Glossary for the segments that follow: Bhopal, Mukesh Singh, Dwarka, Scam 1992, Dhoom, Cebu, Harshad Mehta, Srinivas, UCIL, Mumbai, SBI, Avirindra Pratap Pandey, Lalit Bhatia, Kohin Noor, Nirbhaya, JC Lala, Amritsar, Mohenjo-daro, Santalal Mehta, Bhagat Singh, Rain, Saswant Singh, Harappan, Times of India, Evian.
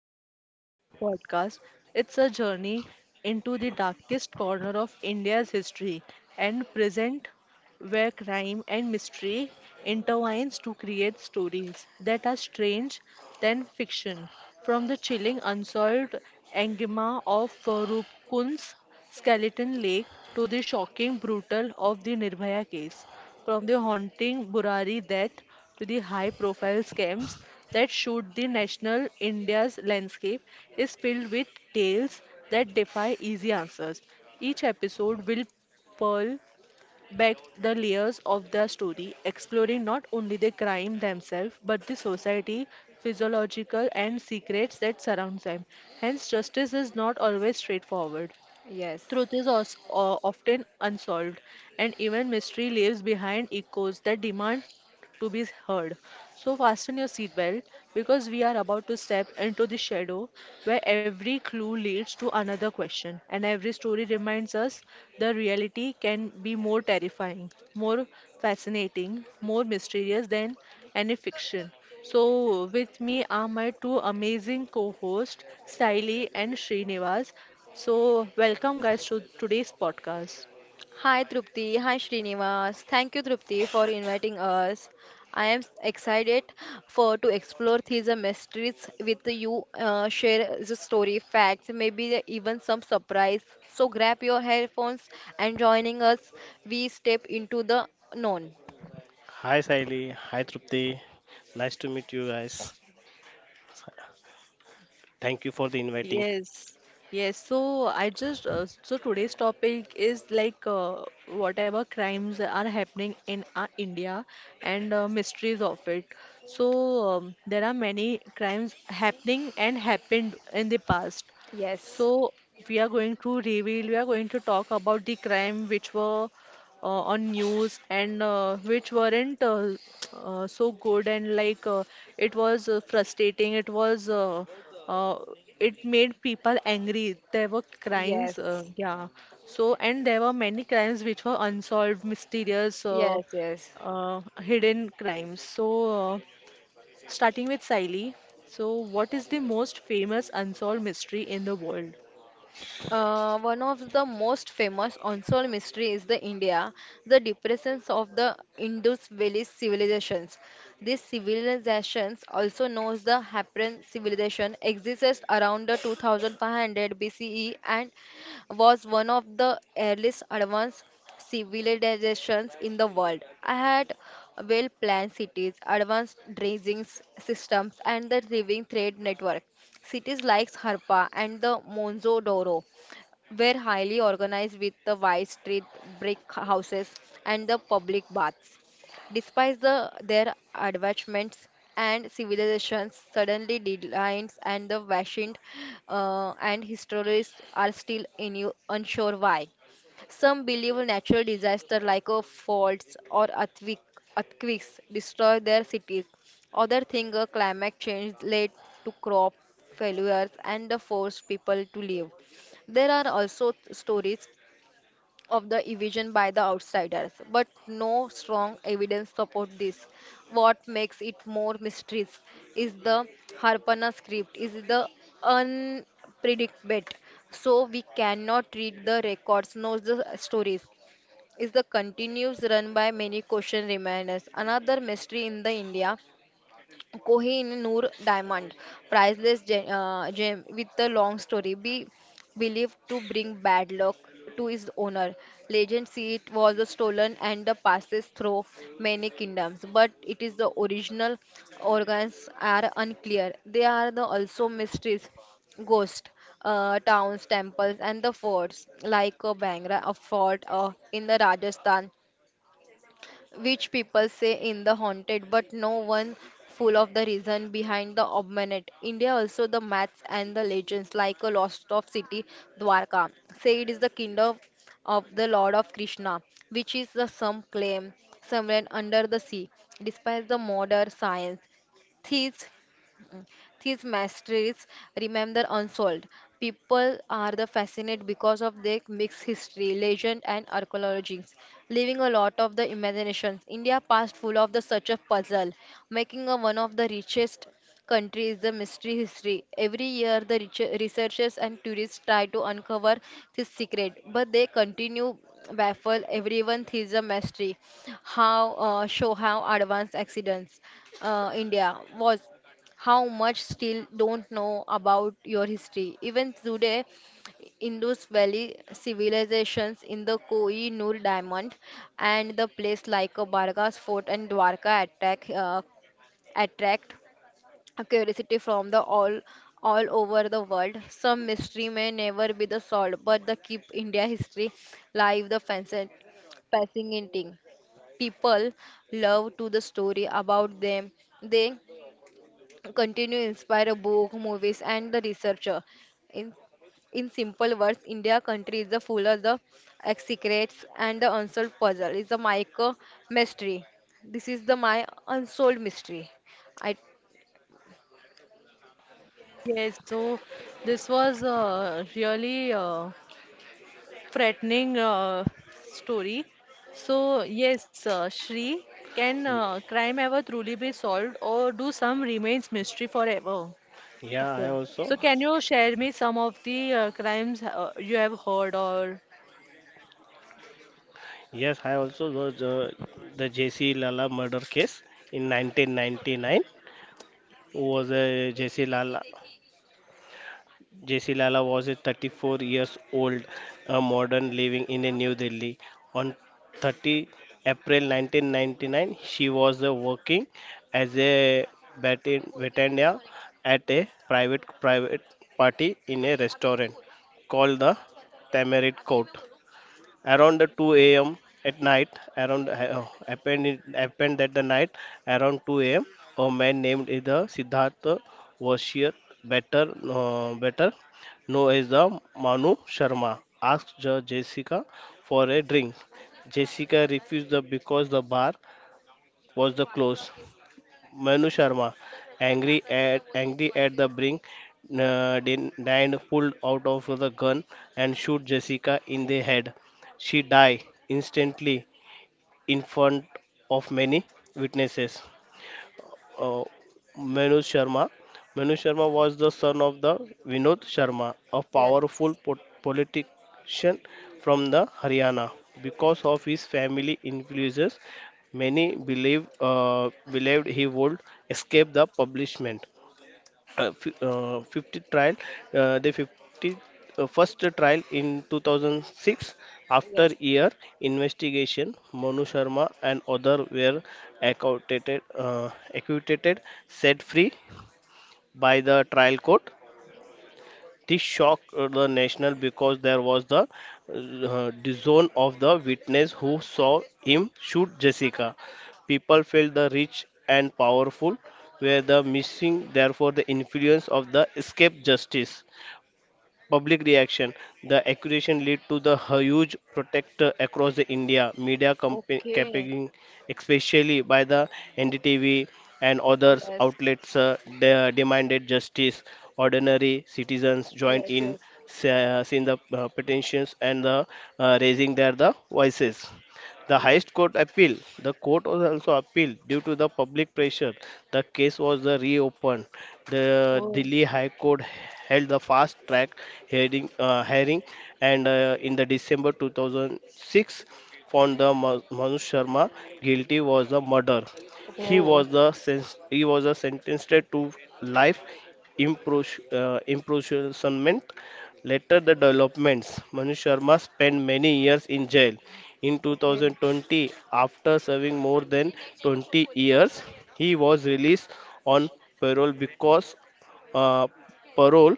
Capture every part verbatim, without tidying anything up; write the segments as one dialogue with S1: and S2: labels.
S1: This is not just a podcast, it's a journey into the darkest corner of India's history and present where crime and mystery intertwines to create stories that are strange than fiction. From the chilling unsolved enigma of uh, Rupkun's Skeleton Lake to the shocking brutal of the Nirbhaya case, from the haunting Burari death to the high-profile scams that shoot the national India's landscape is filled with tales that defy easy answers. Each episode will pearl back the layers of the story, exploring not only the crime themselves but the society, physiological, and secrets that surround them. Hence, justice is not always straightforward.
S2: Yes.
S1: Truth is os- o- often unsolved, and even mystery leaves behind echoes that demand to be heard. So, fasten your seatbelt because we are about to step into the shadow where every clue leads to another question, and every story reminds us the reality can be more terrifying, more fascinating, more mysterious than any fiction. So, with me are my two amazing co-hosts, Saili and Srinivas. So, welcome guys to today's podcast.
S2: Hi Trupti, hi Srinivas. Thank you Trupti for inviting us. I am excited for to explore these uh, mysteries with you. Uh, share the story, facts, maybe even some surprise. So grab your headphones and joining us. We step into the known.
S3: Hi Saili, hi Trupti. Nice to meet you guys. Thank you for the inviting.
S1: Yes, yes. So I just uh, so today's topic is like uh, whatever crimes are happening in our India and uh, mysteries of it. So um, there are many crimes happening and happened in the past.
S2: Yes.
S1: So we are going to reveal, we are going to talk about the crime which were uh, on news and uh, which weren't uh, uh, so good and like uh, it was uh, frustrating. It was uh, uh, it made people angry. There were crimes, uh,
S2: Yes.
S1: yeah. So and there were many crimes which were unsolved, mysterious, uh,
S2: Yes. Yes.
S1: uh, hidden crimes. So uh, starting with Siley. So what is the most famous unsolved mystery in the world?
S2: Uh, one of the most famous unsolved mystery is the India, the depressions of the Indus Valley civilizations. These civilizations, also known as the Harappan civilization, existed around the two thousand five hundred B C E and was one of the earliest advanced civilizations in the world. I had well planned cities, advanced dredging systems, and the living trade network. Cities like Harpa and the Mohenjo-daro were highly organized with the wide street brick houses and the public baths. Despite the, their advancements and civilizations, suddenly declines and the ancient uh, and historians are still inu- unsure why. Some believe natural disaster like a faults or earthquake, earthquakes destroy their cities. Others think a climate change led to crop failures and forced people to leave. There are also t- stories of the evasion by the outsiders, but no strong evidence support this. What makes it more mysterious is the Harpana script, is the unpredictable. So we cannot read the records, nor the stories. Is the continuous run by many question remainers. Another mystery in the India Kohin Noor diamond, priceless gem, uh, gem with a long story, be believed to bring bad luck to its owner. Legend see it was stolen and passes through many kingdoms, but it is the original organs are unclear. They are the also mysteries, ghost, uh, towns, temples, and the forts like uh, Bangra, a fort uh, in the Rajasthan which people say in the haunted, but no one full of the reason behind the obmanet. India also the myths and the legends like a lost of city Dwarka. Say it is the kingdom of the Lord of Krishna, which is the some claim somewhere under the sea. Despite the modern science, thieves these mysteries remain unsolved. People are the fascinated because of their mixed history, legend, and archaeologies, leaving a lot of the imaginations. India past full of the such a puzzle, making a one of the richest countries the mystery history. Every year, the reach- researchers and tourists try to uncover this secret, but they continue baffle everyone. This is a mystery how uh, show how advanced accidents uh, india was how much still don't know about your history. Even today, Indus Valley civilizations in the Koi Noor Diamond and the place like a Bargas Fort and Dwarka attack, uh, attract a curiosity from the all all over the world. Some mystery may never be the solved, but the keep India history live the facet passing in People love to the story about them. They continue inspire a book, movies, and the researcher. In in simple words, India country is the full of the ex- secrets and the unsolved puzzle. It's a micro mystery. This is the my unsolved mystery. I.
S1: Yes, so this was uh, really uh, frightening uh, story. So, yes, uh, Shri, can
S3: Y-
S1: uh, crime ever truly be solved or do some remains mystery forever?
S3: Yeah, I
S2: Okay.
S3: also.
S1: So, can you share me some of the uh, crimes uh, you have heard or
S3: Yes, I also was uh, the J C Lala murder case in nineteen ninety-nine was a J C Lala. J C Lala was a thirty-four years old a modern living in a New Delhi. On thirtieth of April nineteen ninety-nine, she was uh, working as a batin- batania at a private private party in a restaurant called the Tamarind Court around the two a m at night, around uh, oh, happened in- happened that the night around two a m. A man named is the Siddhartha Vashir, better uh, better known as the Manu Sharma, asked the Jessica for a drink. Jessica refused the because the bar was the close. Manu Sharma, angry at angry at the brink, uh, din- Dan pulled out of the gun and shoot Jessica in the head. She died instantly in front of many witnesses uh, Manu Sharma. Manu Sharma was the son of the Vinod Sharma, a
S2: Yes.
S3: powerful po- politician from the Haryana. Because of his family influences, many believe uh, believed he would escape the punishment uh, fi- uh, fiftieth trial, uh, the fifty uh, first trial in two thousand six. After
S2: Yes.
S3: year investigation, Manu Sharma and other were acquitted, uh, acquitted, set free by the trial court. This shocked uh, the national because there was the uh, disown of the witness who saw him shoot Jessica. People felt the rich and powerful were the missing, therefore the influence of the escape justice. Public reaction. The accusation led to the huge protest across the India media compa-
S2: Okay.
S3: campaigning, especially by the N D T V and others
S2: Yes.
S3: outlets uh, de- demanded justice. Ordinary citizens joined
S2: Yes.
S3: in,
S2: Yes.
S3: uh, seeing the uh, petitions and uh, uh, raising their the voices. The
S2: Yeah,
S3: highest
S2: okay.
S3: court appeal. The court was also appealed due to the public pressure. The case was the reopened. The
S1: oh,
S3: Delhi High Court held the fast track hearing, uh, hearing and uh, in the December two thousand six found the Ma- Manu Sharma guilty was the murder. He
S2: Okay.
S1: oh,
S3: was the sen- he was a sentenced to life impros- uh, imprisonment. Later, the developments. Manu Sharma spent many years in jail. In
S2: Okay.
S3: two thousand twenty, after serving more than twenty years, he was released on parole because uh, parole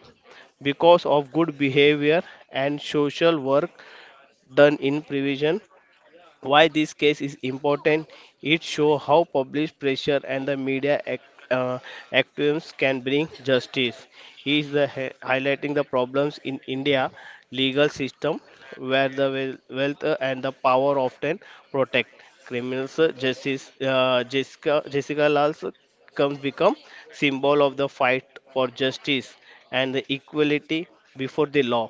S3: because of good behavior and social work done in prison. Why this case is important? It shows how public pressure and the media act, uh, actions can bring justice. He is the hi- highlighting the problems in India legal system where the wel- wealth uh, and the power often protect criminals. Uh, Justice uh, Jessica Jessica Lal's comes become symbol of the fight for justice and the equality before the law.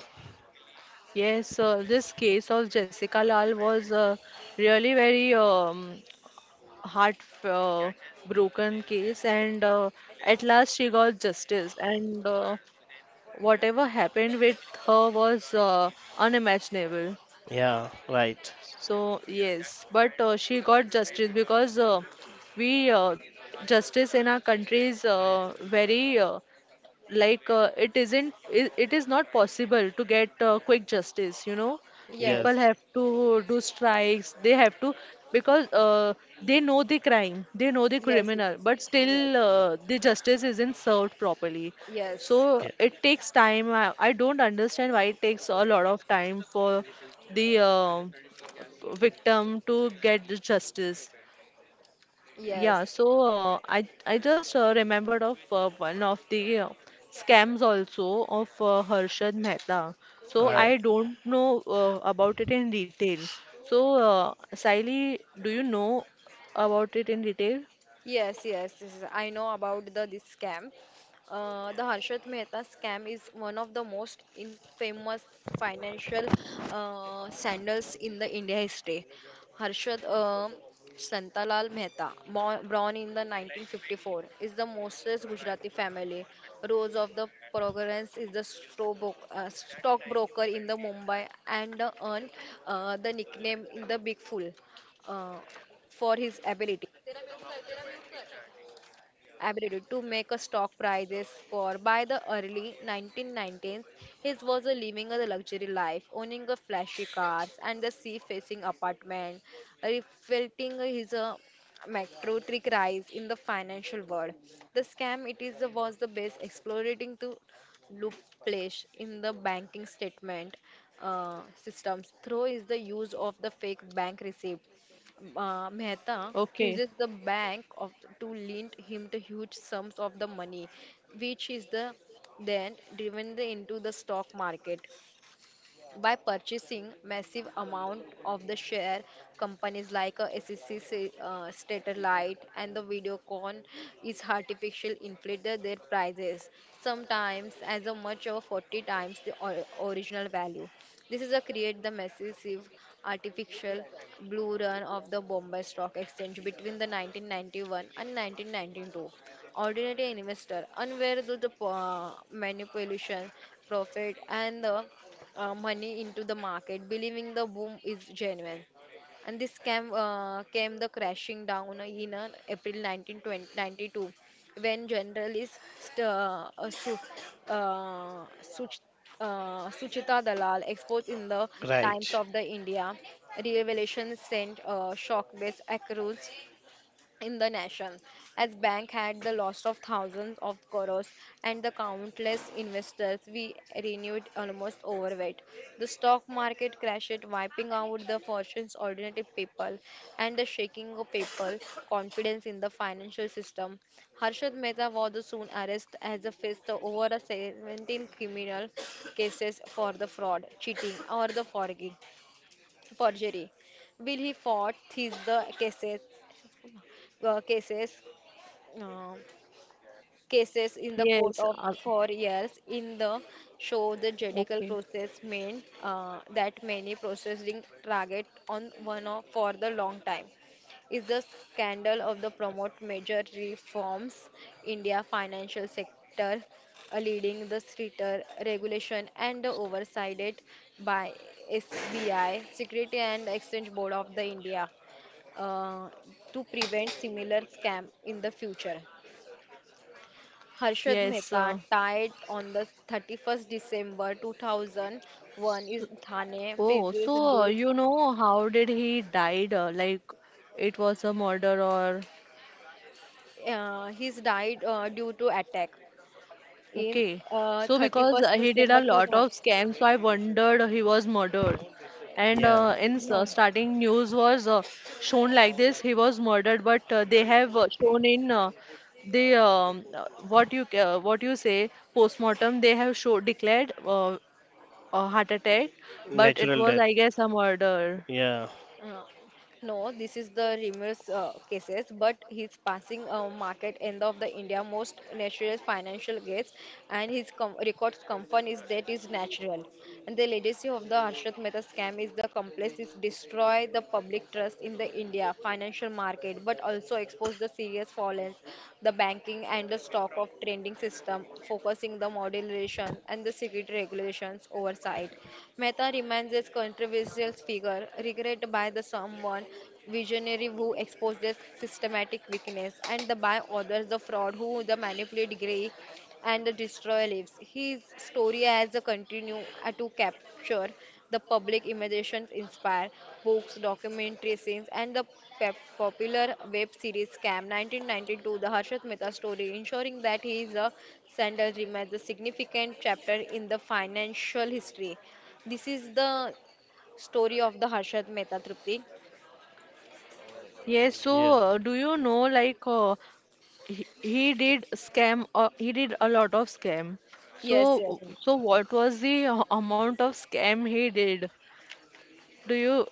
S1: yes. Uh, this case of Jessica Lal was uh, really very um, heart uh, broken case, and uh, at last she got justice. And uh, whatever happened with her was uh, unimaginable.
S3: Yeah, right.
S1: So yes, but uh, she got justice because uh, we uh, justice in our country is uh, very uh, like uh, it isn't it, it is not possible to get uh, quick justice you know
S2: Yes.
S1: People
S3: Yes.
S1: have to do strikes. They have to because uh, they know the crime, they know the
S2: Yes.
S1: criminal, but
S2: Yes.
S1: still uh, the justice isn't served properly.
S2: Yes.
S3: Yeah.
S1: So it takes time. I, I don't understand why it takes a lot of time for the uh, victim to get the justice.
S2: Yes.
S1: Yeah, so uh, I I just uh, remembered of uh, one of the uh, scams also of uh, Harshad Mehta. So
S2: Yes.
S3: Right.
S1: I don't know uh, about it in detail. So uh, Saili, do you know about it in detail?
S2: Yes, yes, this is, I know about the this scam. Uh, the Harshad Mehta scam is one of the most infamous financial uh, scandals in the India history. Harshad uh, Santalal Mehta, mo- born in the nineteen fifty-four, is the mostest Gujarati family. Rose of the Progress is the stro- uh, stockbroker in the Mumbai and uh, earned uh, the nickname in the Big Fool uh, for his ability ability to make a stock prices for by the early nineteen nineties, his was a living a luxury life owning a flashy cars and the sea facing apartment reflecting his uh, meteoric rise in the financial world. The scam, it is uh, was the best exploiting to loop in the banking statement uh, systems through is the use of the fake bank receipt. uh, Mehta
S1: Okay.
S2: praises the bank of to lend him the huge sums of the money, which is the then driven the- into the stock market by purchasing massive amount of the share companies like uh, S E C, uh, Statelight and the Videocon is artificial inflated their prices sometimes as a much of forty times the or- original value. This is a create the massive artificial blue run of the Bombay Stock Exchange between the nineteen ninety-one and nineteen ninety-two. Ordinary investor unaware of the uh, manipulation profit and the uh, money into the market, believing the boom is genuine. And this came, uh, came the crashing down in uh, April nineteen ninety-two when generalist uh, uh, Su- uh, Such- uh, Suchita Dalal exposed in the Times
S3: Right.
S2: of the India revelation sent uh, shock-based accruals in the nation, as bank had the loss of thousands of crores and the countless investors we renewed almost overweight. The stock market crashed, wiping out the fortunes ordinary people and the shaking of people confidence in the financial system. Harshad Mehta was soon arrested as a faced over a seventeen criminal cases for the fraud, cheating, or the forging, forgery. Will he fought these the cases? uh, cases uh, cases in the court
S1: Yes.
S2: of
S1: Uh,
S2: for years. In the show, the judicial
S1: okay.
S2: process meant uh, that many processing target on one of, for the long time. Is the scandal of the promote major reforms India financial sector uh, leading the stricter regulation and the oversight by S B I, Security and Exchange Board of the India, uh, to prevent similar scam in the future. Harshad
S1: Yes. Uh,
S2: Mehta died on the thirty-first December two thousand one Is Thane,
S1: oh, so
S2: previous
S1: uh,
S2: due.
S1: you know how did he died? Uh, like it was a murder or?
S2: Uh, he's died uh, due to attack in
S1: Okay.
S2: uh,
S1: So because
S2: 31st
S1: uh, he did
S2: December
S1: a lot
S2: two thousand one.
S1: of scams, so I wondered uh, he was murdered. And
S3: Yeah,
S1: uh, in s-
S2: No,
S1: uh,
S2: no.
S1: starting news was uh, shown like this, he was murdered, but uh, they have uh, shown in uh, the um, uh, what you ca- uh, what you say postmortem, they have show declared uh, a heart attack, but it
S3: natural
S1: was
S3: death.
S1: I guess a murder.
S3: Yeah,
S2: Uh, no, this is the rumors uh, cases, but he's passing uh, market end of the India most natural financial gates, and his com records company is that is natural. And the legacy of the Harshat Mehta scam is the complex is destroy the public trust in the India financial market, but also expose the serious fallings, the banking and the stock of trading system, focusing the modulation and the security regulations oversight. Mehta remains as controversial Marcel's figure, regret by the someone visionary who exposed their systematic weakness, and the by others the fraud who the manipulate grey and the destroy lives. His story has a continue uh, to capture the public imaginations, inspire books, documentary scenes, and the pep- popular web series Scam nineteen ninety-two, the Harshad Mehta story, ensuring that he is a Sandal remains a significant chapter in the financial history. This is the story of the Harshad Mehta, Tripti.
S1: Yes,
S3: yeah.
S1: so uh, do you know like uh, he, he did scam uh, he did a lot of scam.
S2: Yes,
S1: So
S2: yes,
S1: so what was the a- amount of scam he did? Do you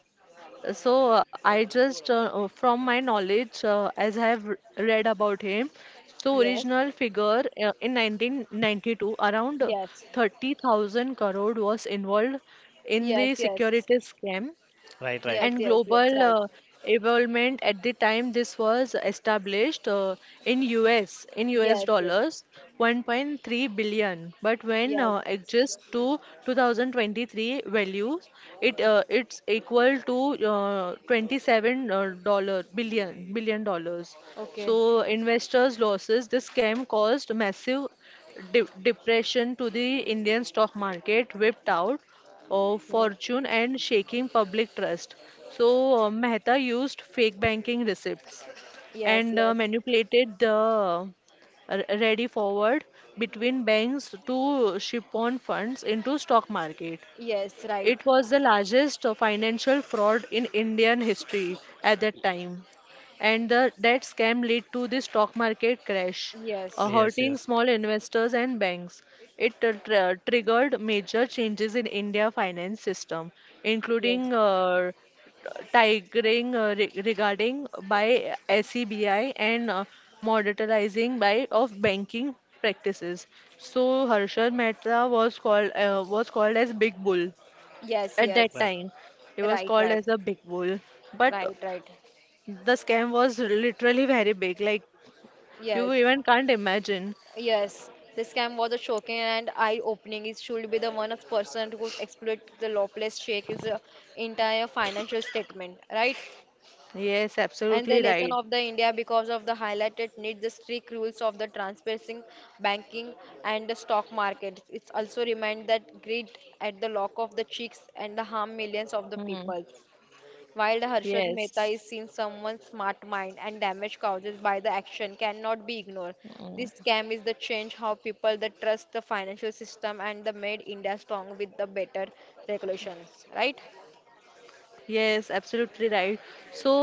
S1: so uh, I just uh, uh, from my knowledge uh, as I have r- read about him. So
S2: yes,
S1: original figure uh, in nineteen ninety-two around
S2: yes,
S1: thirty thousand crore was involved in
S2: yes,
S1: the
S2: yes,
S1: security scam
S3: Right, right.
S2: yes,
S1: and
S2: yes, yes,
S1: global
S2: right.
S1: uh, involvement at the time this was established uh, in U S in U S
S2: Yes, yes,
S1: dollars one point three billion, but when
S2: yes.
S1: uh, adjust to two thousand twenty-three values it uh, it's equal to uh, twenty-seven uh, dollar billion billion dollars.
S2: Okay.
S1: So investors losses, this scam caused massive de depression to the Indian stock market, whipped out of
S2: Yeah.
S1: fortune and shaking public trust. So uh, Mehta used fake banking receipts
S2: Yes,
S1: and uh,
S2: yes,
S1: manipulated the uh, r- ready forward between banks to ship on funds into stock market.
S2: yes, right.
S1: It was the largest uh, financial fraud in Indian history at that time. And the, that scam led to the stock market crash, uh,
S2: Yes,
S3: Yes,
S1: hurting
S3: yes.
S1: small investors and banks. It uh, tr- triggered major changes in India finance system,
S2: yes,
S1: including uh, tigering uh, re- regarding by SEBI and uh, monetizing by of banking practices. So Harshad Mehta was called uh, was called as Big Bull
S2: yes,
S1: at that
S2: yes.
S3: Right.
S1: time, it was
S2: Right,
S1: called
S2: right,
S1: as a big bull. But
S2: right, right.
S1: the scam was literally very big. Like you
S2: Yes,
S1: even can't imagine.
S2: yes. This scam was a shocking and eye-opening. It should be the one of person who exploit the lawless shake is the entire financial statement, right?
S1: Yes,
S2: And the
S1: absolutely
S2: lesson
S1: right.
S2: of the India because of the highlighted need the strict rules of the transparency, banking and the stock market. It's also remind that greed at the lock of the cheeks and the harm millions of the
S1: Hmm.
S2: people. While the Harshad Mehta
S1: Yes.
S2: is seen someone's smart mind and damage caused by the action cannot be ignored. This
S1: Mm.
S2: scam is the change how people that trust the financial system and the made India strong with the better regulations. Right?
S1: Yes, absolutely right. So,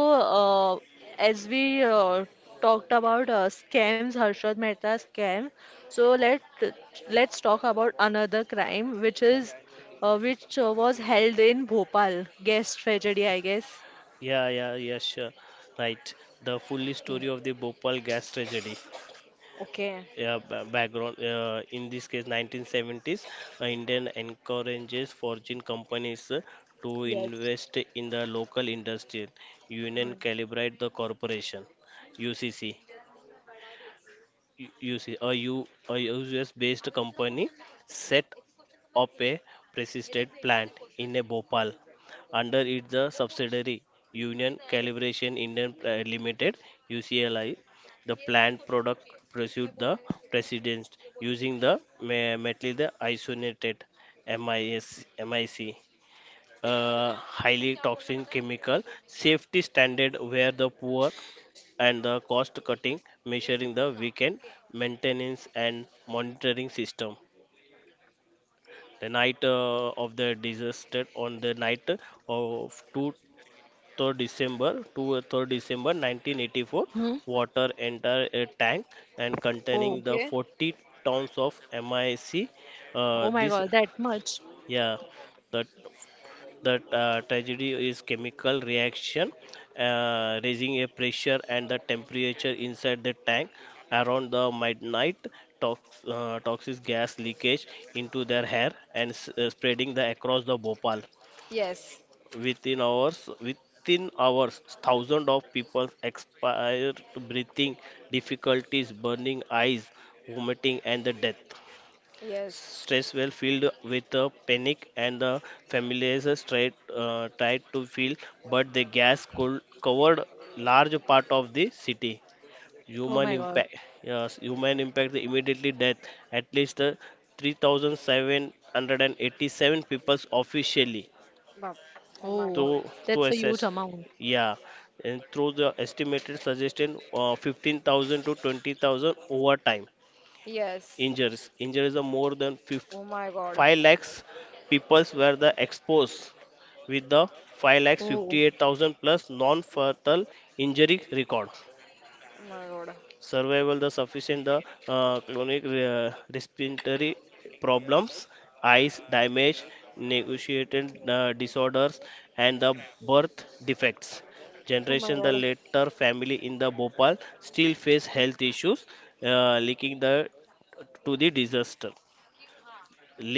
S1: uh, as we uh, talked about uh, scams, Harshad Mehta scam. So let let's talk about another crime, which is uh, which uh, was held in Bhopal. Gas tragedy, I guess.
S3: Yeah, yeah, yeah, sure. Right. The fully story
S2: Okay.
S3: of the Bhopal gas tragedy.
S2: Okay.
S3: Yeah, ba- background. Uh, in this case, nineteen seventies, uh, Indian encourages forging companies uh, to
S2: Yes.
S3: invest in the local industry. Union
S2: Hmm.
S3: calibrate the corporation, U C C. you you see a U a U S based company set up a persistent plant in a Bhopal under it the subsidiary Union Calibration Indian Pri- Limited, U C L I. The plant product pursued the precedence using the me- metal the isoniated M I S M I C, uh, highly toxic chemical. Safety standard where the poor and the cost cutting, measuring the weekend maintenance and monitoring system. The night uh, of the disaster, on the night of December second second of December nineteen eighty-four,
S1: Hmm.
S3: water entered a tank and
S1: Oh.
S3: containing the
S2: Okay.
S3: forty tons of M I C.
S1: Oh
S3: Uh,
S1: my
S3: this,
S1: God, that much?
S3: yeah, the The uh, tragedy is chemical reaction, uh, raising a pressure and the temperature inside the tank around the midnight. Tox, uh, Toxic gas leakage into their hair and s- uh, spreading the across the Bhopal.
S2: Yes.
S3: Within hours, within hours, thousands of people expired, breathing difficulties, burning eyes, vomiting, and the death.
S2: Yes.
S3: Stress well filled with the panic and the families are straight uh, tried to feel, but the gas could covered large part of the city.
S1: Oh my
S3: Human
S1: God.
S3: impact, yes, Human impact, the immediately death. At least uh, three thousand seven hundred eighty-seven people officially
S2: Bab. Oh my
S1: Oh,
S3: to
S2: God.
S1: that's
S3: to
S1: a huge
S3: assess.
S1: amount.
S3: Yeah, and through the estimated suggestion, uh, fifteen thousand to twenty thousand overtime
S2: Yes.
S3: injuries. Injuries are more than
S2: Oh my God.
S3: five lakhs peoples were the exposed with the five lakhs
S1: Oh,
S3: fifty-eight thousand plus non-fatal injury record.
S2: Oh my God.
S3: Survival the sufficient the uh, chronic uh, respiratory problems, eyes damage, negotiated uh, disorders, and the birth defects.
S2: Oh my
S3: Generation the
S2: God.
S3: later family in the Bhopal still face health issues, uh, linking the to the disaster.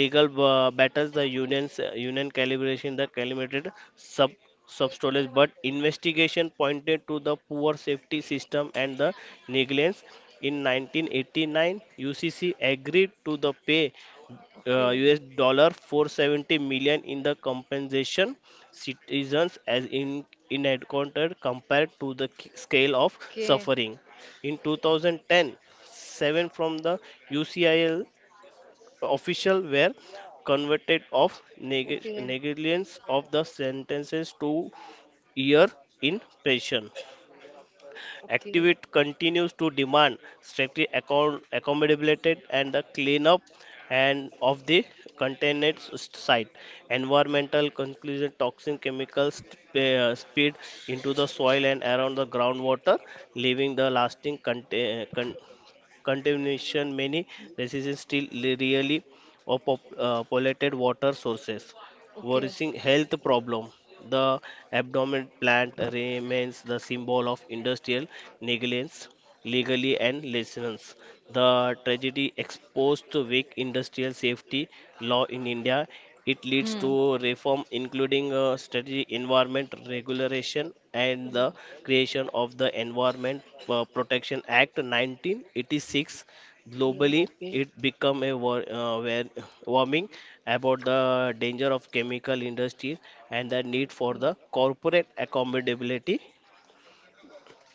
S3: Legal uh, battles, the union's uh, union calibration the calibrated sub substolage, but investigation pointed to the poor safety system and the negligence. In nineteen eighty-nine, UCC agreed to the pay uh,
S2: Okay.
S3: US dollar four hundred seventy million in the compensation, citizens as in inadequate compared to the k- scale of
S2: Okay.
S3: suffering. In two thousand ten, seven from the U C I L official were convicted of neg-
S2: Okay.
S3: negligence, of the sentences to year in prison.
S2: Okay.
S3: Activist continues to demand strictly account- accountability and the cleanup and of the contaminated s- site. Environmental conclusion, toxin chemicals sp- uh, spilled into the soil and around the groundwater, leaving the lasting contain- contamination. Many residents still li- really or pop, uh, polluted water sources,
S2: Okay.
S3: worsening health problem. The abdomen plant remains the symbol of industrial negligence, legally and license. The tragedy exposed to weak industrial safety law in India. It leads
S1: hmm.
S3: to reform, including uh, strategy, environment regulation, and the
S2: Ye-
S3: creation of the Environment uh, Protection Act nineteen eighty-six.
S2: Yes.
S3: Globally,
S1: Okay.
S3: it became a war, uh, war- warming about the danger of chemical industry and the need for
S2: Okay.
S3: the corporate accountability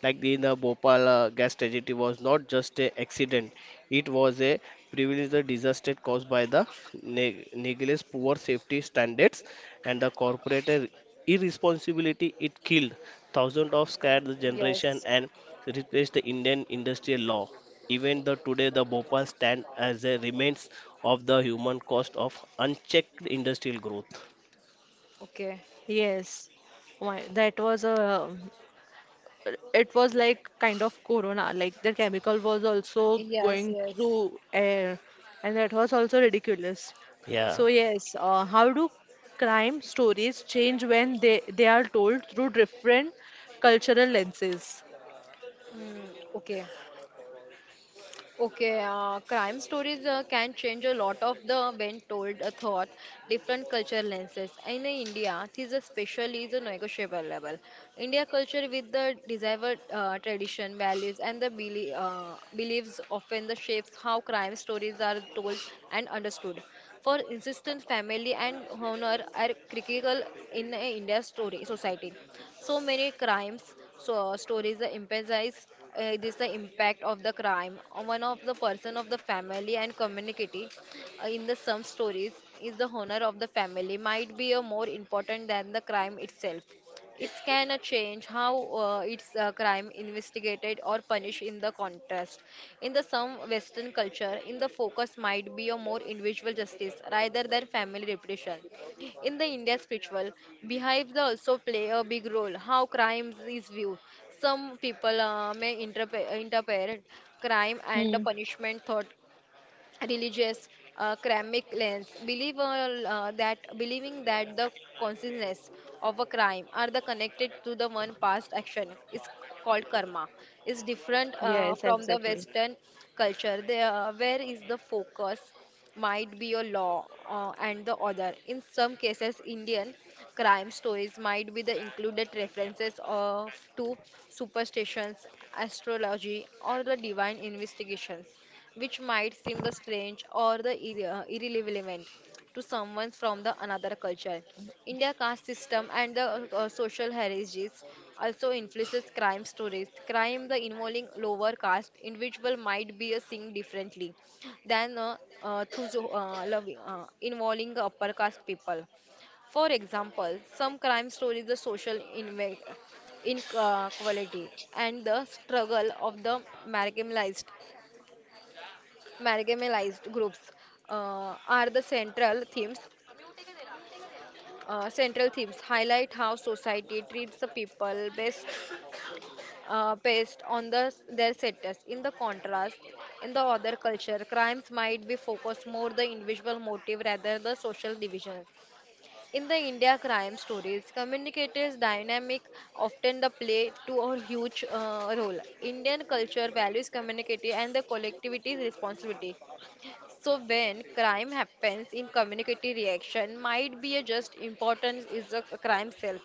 S3: like the, the Bhopal uh, gas tragedy was not just a accident; it was a privileged disaster caused by the neg- negligence, poor safety standards, and the corporate ir- irresponsibility. It killed thousands of scared the generation
S2: Yes.
S3: and replaced the Indian industrial law. Even the today, the Bhopal stand as a remains of the human cost of unchecked industrial growth.
S2: Okay.
S1: Yes. Why that was a it was like kind of corona, like the chemical was also
S2: Yes.
S1: going
S2: Yes.
S1: through air, and that was also ridiculous.
S3: Yeah.
S1: So yes, uh, how do crime stories change when they they are told through different cultural lenses?
S2: Mm, okay. Okay, uh, crime stories uh, can change a lot of the when told a thought, different culture lenses. In India, this especially is a negotiable level. India culture with the desired uh, tradition, values, and the belie- uh, beliefs often the shapes how crime stories are told and understood for insistence family and honor are critical in a india's story society so many crimes so stories that emphasize uh, this the impact of the crime on one of the person of the family and community uh, in the some stories is the honor of the family might be a more important than the crime itself it can uh, change how uh, its uh, crime investigated or punished in the contrast. In the some Western culture, in the focus might be a more individual justice rather than family repression. In the India spiritual, behaves also play a big role how crimes is viewed. Some people uh, may interpre- interpret crime and
S1: Hmm.
S2: punishment thought religious uh, ceramic lens believe uh, uh, that believing that the consciousness of a crime are the connected to the one past action is called karma is different uh,
S1: Yes,
S2: from the
S1: exactly.
S2: western culture there, uh, where is the focus might be a law uh, and the other in some cases indian crime stories might be the included references of to superstitions astrology or the divine investigations which might seem the strange or the irre- uh, irrelevant to someone from the another culture. India caste system and the uh, uh, social hierarchies also influences crime stories. Crime the involving lower caste individual might be uh, seen differently than uh, uh, those uh, loving, uh, involving upper caste people. For example, some crime stories the social inve- inequality and the struggle of the marginalized marginalized groups uh, are the central themes uh, central themes highlight how society treats the people based uh, based on the their status in the contrast in the other culture crimes might be focused more the individual motive rather the social division in the india crime stories communicators dynamic often the play to a huge uh, role indian culture values community and the collectivity's responsibility. So when crime happens in community reaction might be a just importance is a, a crime self.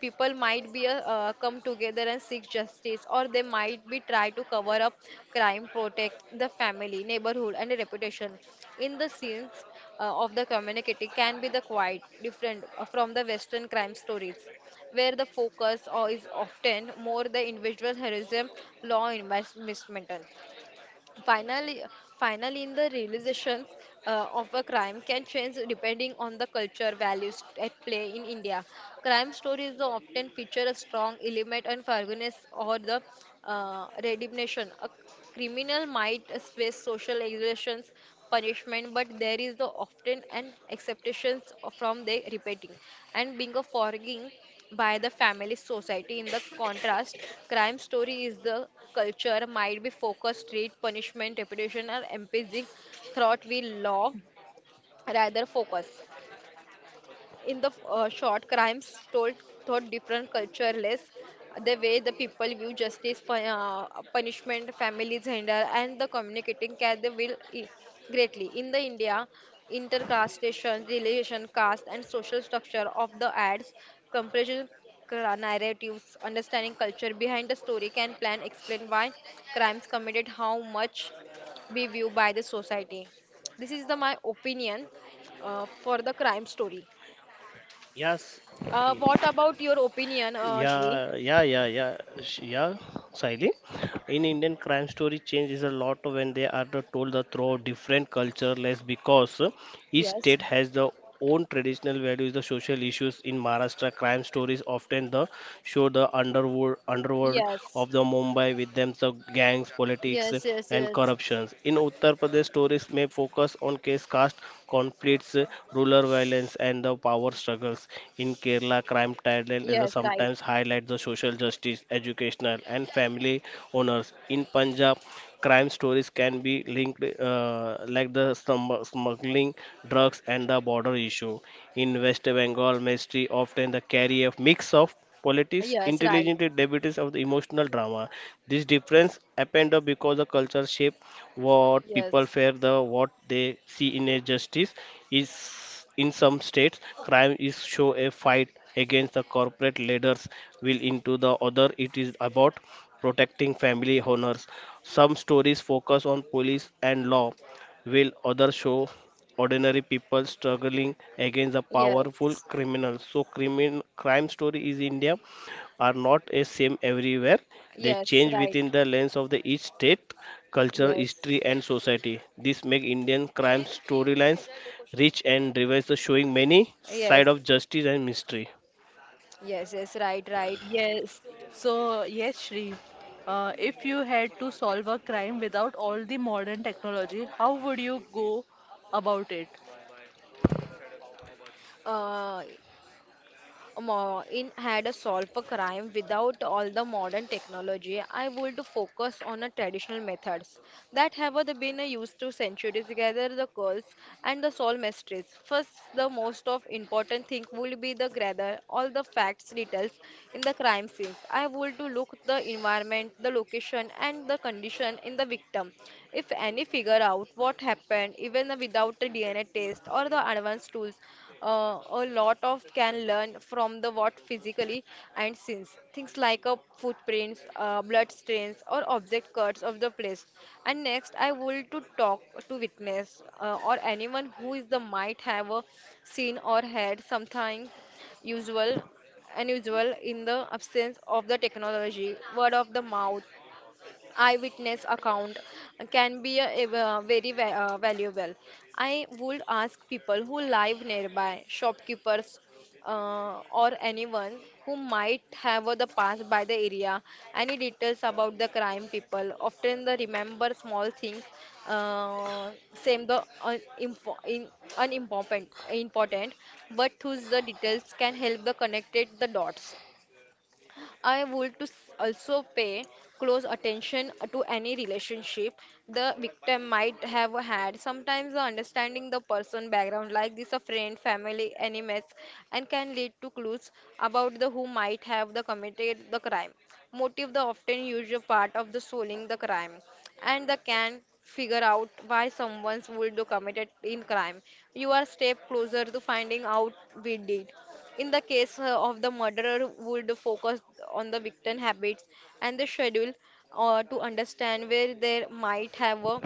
S2: People might be a, uh, come together and seek justice or they might be try to cover up crime, protect the family, neighborhood and reputation. In the scenes uh, of the community can be the quite different uh, from the western crime stories where the focus or is often more the individual heroism law investment. Finally, finally, in the realization uh, of a crime can change depending on the culture values at play in India. Crime stories often feature a strong element of forgiveness or the uh, redemption. A criminal might face social exertions, punishment, but there is the often an acceptance from their repenting and being a forgiving by the family society. In the contrast, crime story is the culture might be focused, street punishment, reputation, or empathy thought we law rather focus in the uh, short, crimes told thought different cultureless, the way the people view justice, fu- uh, punishment, families handle, and the communicating care they will i- greatly. In the India, intercastation, relation, caste, and social structure of the ads, comparison cra- narratives, understanding culture behind the story can plan explain why crimes committed, how much be viewed by the society. This is the my opinion uh, for the crime story.
S3: Yes.
S2: Uh, what about your opinion, uh, Shri?
S3: Yeah, yeah, yeah, yeah, Sh- yeah, Saili. In Indian crime story, change is a lot when they are the told the through different culture less because uh, each
S2: Yes.
S3: state has the own traditional values, the social issues. In Maharashtra, crime stories often the show the underworld underworld
S2: Yes.
S3: of the Mumbai with them the gangs, politics
S2: Yes. Yes.
S3: and
S2: Yes.
S3: corruptions. In Uttar Pradesh, stories may focus on case caste conflicts, rural violence and the power struggles. In Kerala, crime titles is a
S2: Yes. Right.
S3: sometimes highlight the social justice, educational and family owners. In Punjab, crime stories can be linked uh, like the stum- smuggling drugs and the border issue. In West Bengal, mystery often the carry a mix of politics
S2: Yes. Right.
S3: intelligent debates of the emotional drama. This difference happened because the culture shape what
S2: Yes.
S3: people fear, the what they see in a justice is. In some states crime is show a fight against the corporate leaders will into the other it is about protecting family honors. Some stories focus on police and law, while others show ordinary people struggling against the powerful
S2: Yes.
S3: criminals. So, crimin- crime story in India are not a same everywhere. They
S2: Yes.
S3: change
S2: Right.
S3: within the lens of the each state, culture,
S2: Yes.
S3: history, and society. This make Indian crime storylines rich and diverse, showing many side
S2: Yes.
S3: of justice and mystery.
S2: Yes. Yes. Right. Right.
S1: Yes. So, yes, Shree, uh, if you had to solve a crime without all the modern technology, how would you go about it?
S2: Uh, Maureen had a solve a crime without all the modern technology. I would focus on the traditional methods that have the been used to centuries gather the curls and the solve mysteries. First, the most of important thing would be the gather all the facts details in the crime scenes. I would to look the environment, the location, and the condition in the victim. If any figure out what happened, even without the D N A test or the advanced tools, uh, a lot of can learn from the what physically and since things like a footprints uh, blood stains or object cuts of the place and next I will to talk to witness uh, or anyone who is the might have a seen or had something usual unusual in the absence of the technology word of the mouth eyewitness account can be a, a very va- uh, valuable. I would ask people who live nearby, shopkeepers, uh, or anyone who might have the past by the area, any details about the crime people. Often the remember small things, uh, same the un- info- in, unimportant, important, but whose the details can help the connected the dots. I would to s- also pay close attention to any relationship the victim might have had. Sometimes the understanding the person background like this a friend, family, enemies and can lead to clues about the who might have the committed the crime. Motive the often usual part of the solving the crime and the can figure out why someone would do committed in crime. You are step closer to finding out we did. In the case uh, of the murderer, would focus on the victim habits and the schedule uh, to understand where they might have uh,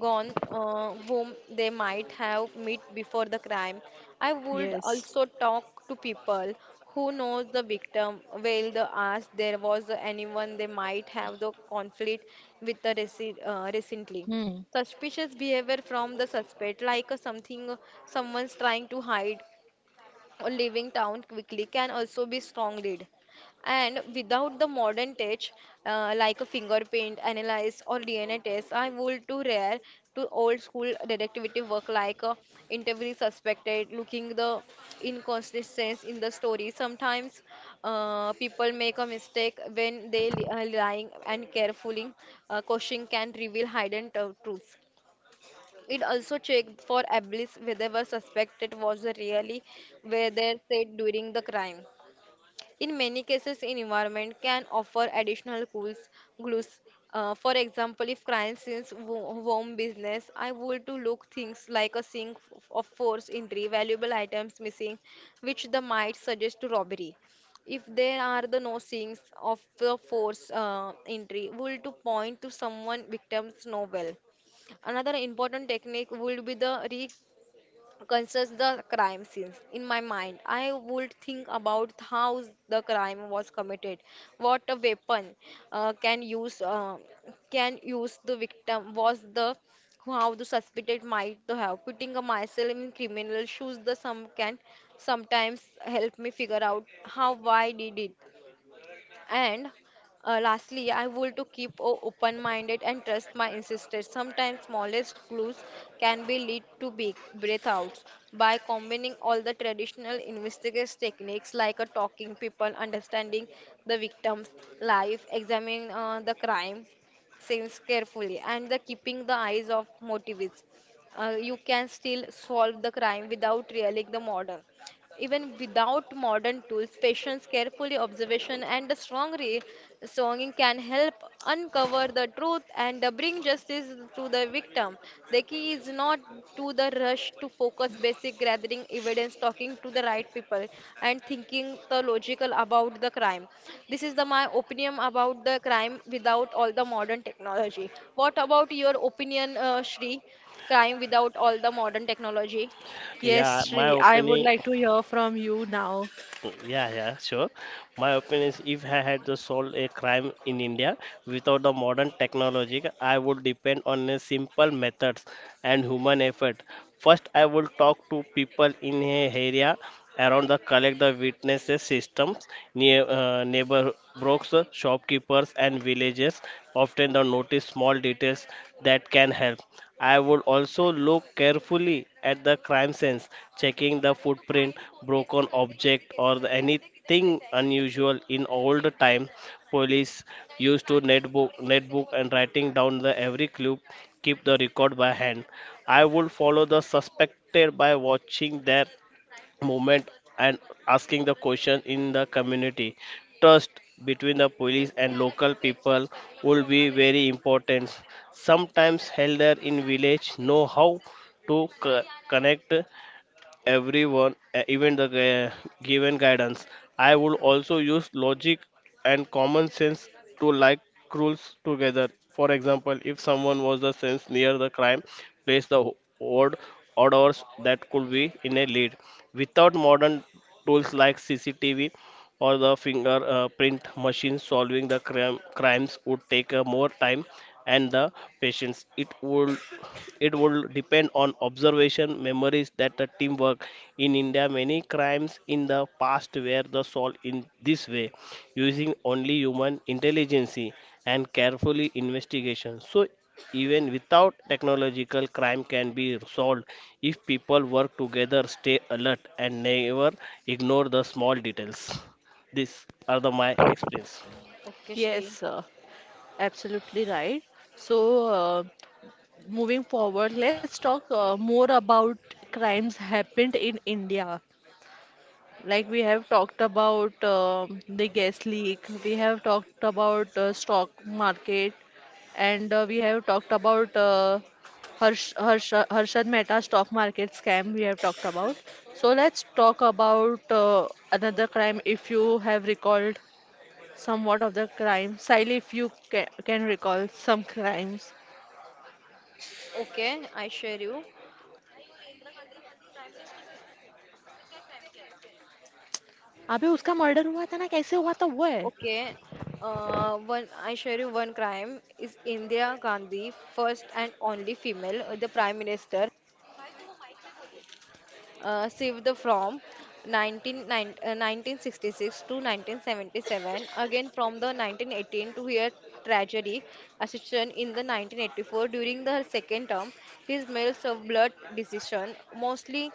S2: gone, uh, whom they might have met before the crime. I would
S1: Yes.
S2: also talk to people who knows the victim well. The ask there was anyone they might have the conflict with the reci- uh, recently
S1: Hmm.
S2: suspicious behavior from the suspect like uh, something uh, someone's trying to hide or leaving town quickly can also be strong lead. And without the modern touch, uh, like a fingerprint analysis or D N A test, I would too rare to old school detective work like uh, interview suspected, looking the inconsistencies in the story. Sometimes uh, people make a mistake when they li- are lying and carefully uh, questioning can reveal hidden tru- truths. It also checked for ablis whether suspected was really where they said during the crime. In many cases, an environment can offer additional clues. clues. Uh, for example, if crime scenes wo- warm business, I would to look things like a sink f- of force injury, valuable items missing, which the might suggest to robbery if there are the no signs of the force uh, entry will to point to someone victims know well. Another important technique would be the reconstruct the crime scenes. In my mind, I would think about how the crime was committed, what a weapon uh, can use uh, can use the victim was the how the suspected might to have. Putting myself in criminal shoes, the some can sometimes help me figure out how why did it and uh, lastly, I want to keep o- open-minded and trust my instincts. Sometimes smallest clues can be lead to big breathouts by combining all the traditional investigative techniques like a talking people, understanding the victim's life, examining uh, the crime scenes carefully, and the keeping the eyes of motives. Uh, you can still solve the crime without revealing the model. Even without modern tools, patience, carefully observation, and a strong re- songing can help uncover the truth and uh, bring justice to the victim. The key is not to the rush to focus basic gathering evidence, talking to the right people, and thinking the logical about the crime. This is the my opinion about the crime without all the modern technology. What about your opinion, uh, Shri? Crime without all the modern technology?
S3: Yeah,
S1: Yes,
S3: my
S1: Shree, I would
S3: opinion.
S1: like to hear from you now.
S3: Yeah, yeah, sure. My opinion is if I had to solve a crime in India without the modern technology, I would depend on a simple methods and human effort. First, I would talk to people in a area around the collect the witnesses systems near uh, neighbor brokers, shopkeepers and villagers often the notice small details that can help. I would also look carefully at the crime scenes, checking the footprint, broken object, or the- anything unusual. In old time, police used to netbook, netbook and writing down the every clue, keep the record by hand. I would follow the suspected by watching their movement and asking the question in the community. Trust between the police and local people will be very important. Sometimes elder in village know how to co- connect everyone, uh, even the gu- given guidance. I would also use logic and common sense to like rules together. For example, if someone was the sense near the crime place, the ho- word orders that could be in a lead. Without modern tools like CCTV or the finger uh, print machine, solving the crime, crimes would take uh, more time and the patience. It would, it would depend on observation, memories, that the teamwork. In India, many crimes in the past were the solved in this way, using only human intelligence and carefully investigation. So even without technological, crime can be solved if people work together, stay alert and never ignore the small details. These are the my experience.
S2: Okay, Shri.
S1: Yes, uh, absolutely right. So, uh, moving forward, let's talk uh, more about crimes happened in India. Like we have talked about um the gas leak, we have talked about uh, stock market, and uh, we have talked about uh, Harsh, Harsh, Harshad Mehta stock market scam. We have talked about. So let's talk about uh, another crime. If you have recalled somewhat of the crime, Sally, if you can, can recall some crimes.
S2: Okay, I share you.
S1: अबे उसका murder हुआ था ना कैसे हुआ था वो है
S2: Okay, uh, one I share you one crime is Indira Gandhi, first and only female, uh, the Prime Minister, uh, saved the from one ninety-nine uh, nineteen sixty-six to nineteen seventy-seven, again from the nineteen eighteen to her tragedy, assistant in the nineteen eighty-four during the her second term, his male served blood decision, mostly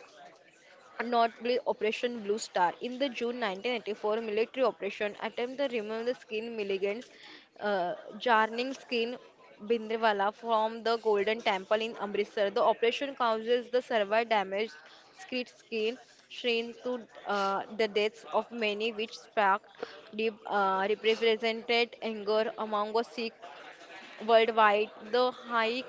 S2: notably Operation Blue Star. In the June nineteen eighty-four military operation attempt to remove the skin milligans, uh, jarring skin Bindrewala from the Golden Temple in Amritsar. The operation causes the severe damage, skid skin, shrink to uh, the deaths of many, which sparked deep uh, represented anger among the Sikhs worldwide. The high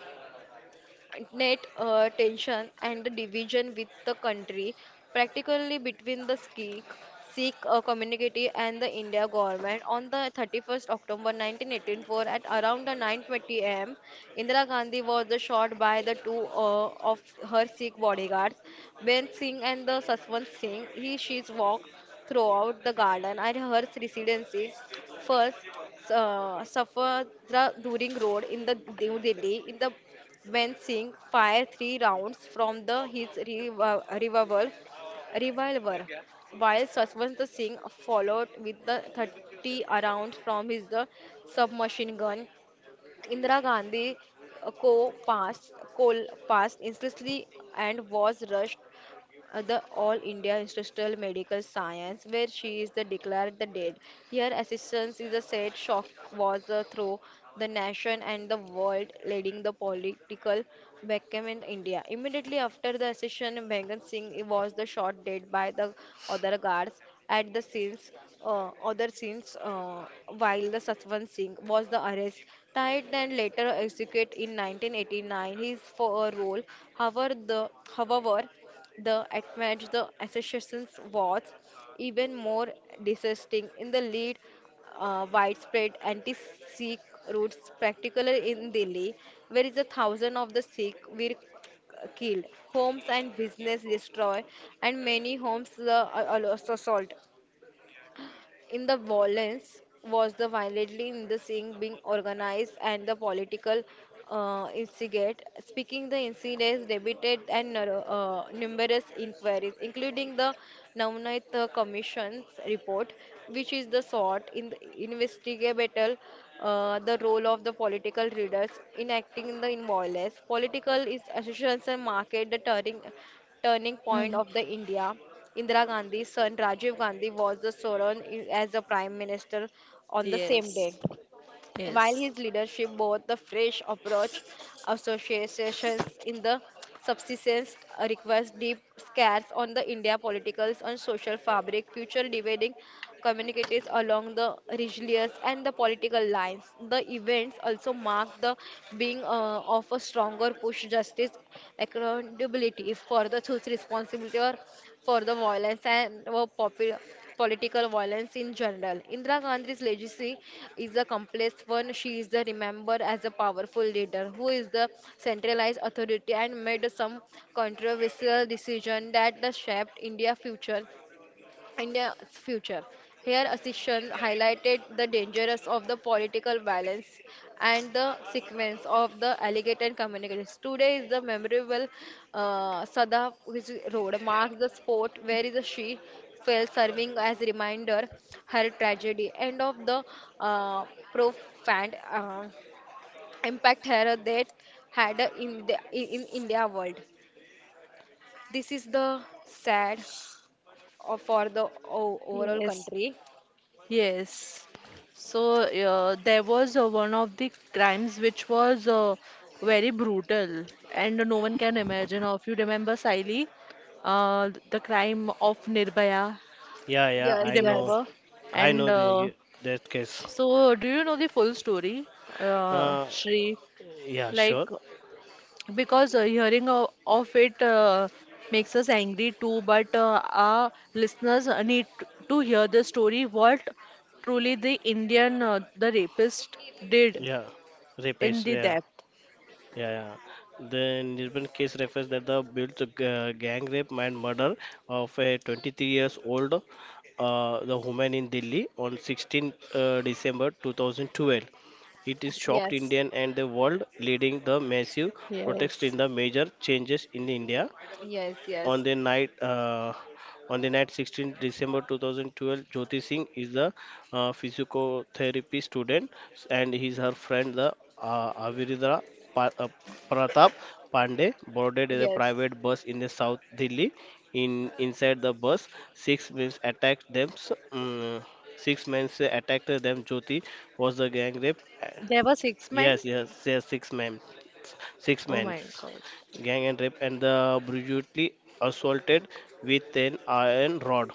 S2: net uh, tension and the division with the country, practically between the Sikh, Sikh uh, community and the India government. On the thirty-first October nineteen eighty-four at around the nine twenty a m, Indira Gandhi was uh, shot by the two uh, of her Sikh bodyguards, Ben Singh and the Saswant Singh. He she's walked throughout the garden at her residency. First, uh, Safadra During Road in the New Delhi in the when Singh fired three rounds from the his revo- revolver, revolver, while Saswant Singh followed with the thirty rounds from his the submachine gun. Indira Gandhi uh, co passed, Cole passed instantly and was rushed uh, the All India Institute of Medical Science, where she is the declared the dead. Her assistance is a sad shock was the through the nation and the world, leading the political vacuum in India. Immediately after the accession, Bhagat Singh was the shot dead by the other guards at the scenes. Uh, other scenes uh, while the Satwan Singh was the arrest tied and later executed in nineteen eighty-nine his for a role however the however the acknowledge the associations was even more disgusting in the lead uh, widespread anti-Sikh roots, particularly in Delhi, where is a thousand of the Sikh were killed, homes and business destroyed, and many homes uh, are also sold in the violence was the violently in the sing being organized and the political uh, instigate. Speaking the incidents debated and nar- uh, numerous inquiries, including the Navnath Commission's report, which is the sort in the investigative uh, the role of the political leaders in acting in the in violence. Political is associations and market the turning turning point
S1: hmm.
S2: of the India. Indira Gandhi's son Rajiv Gandhi was the sworn in as a prime minister on the same day.
S1: Yes,
S2: While
S1: yes.
S2: his leadership bore the fresh approach, associations in the subsistence uh, requires deep scars on the India political and social fabric, future dividing communities along the religious and the political lines. The events also marked the being uh, of a stronger push justice is accountability for the whose responsibility or for the violence and or popu- political violence in general. Indira Gandhi's legacy is a complex one. She is the remembered as a powerful leader who is the centralized authority and made some controversial decision that the shaped India's future India's future. Here, Asishan highlighted the dangers of the political balance and the sequence of the alleged and communications. Today is the memorable uh, Sadaf which road marks the spot where is she fell, serving as reminder her tragedy and of the uh, profound uh, impact her that had in the in India world. This is the sad uh, for the o- overall
S1: Yes.
S2: country.
S1: Yes. So uh, there was uh, one of the crimes which was uh, very brutal and no one can imagine. Of you remember Saili, uh, the crime of Nirbhaya,
S3: Yeah, yeah,
S2: Yes,
S1: you
S3: I know.
S2: yes,
S1: remember?
S3: I
S1: And
S3: know
S1: uh,
S3: the that case.
S1: so do you know the full story, uh,
S3: Uh,
S1: Shri?
S3: yeah,
S1: Like
S3: sure.
S1: because uh, hearing uh, of it uh, makes us angry too, but uh, our listeners uh, need t- to hear the story what truly the indian uh, the rapist did
S3: Yeah,
S1: in
S3: rapists.
S1: the
S3: Yeah,
S1: depth.
S3: yeah, yeah. The Nirban case refers that the built uh, gang rape and murder of a twenty-three years old uh, the woman in Delhi on sixteenth uh, December twenty twelve. It is shocked
S2: yes,
S3: Indian and the world, leading the massive protests in the
S1: Yes.
S3: major changes in India.
S2: yes,
S3: on
S2: yes,
S3: the night uh, on the night sixteenth of December twenty twelve, Jyoti Singh is the uh, physiotherapy student and he's her friend the uh, Aviridra pa- uh, Pratap Pandey boarded a
S2: yes,
S3: private bus in the South Delhi. In inside the bus, six men attacked them. Um, six men attacked them. Jyoti was the gang rape.
S1: There were six men.
S3: Yes, yes, yes, six men. Six
S1: Oh
S3: men,
S1: my god.
S3: gang and rape, and the brutally assaulted with an iron rod.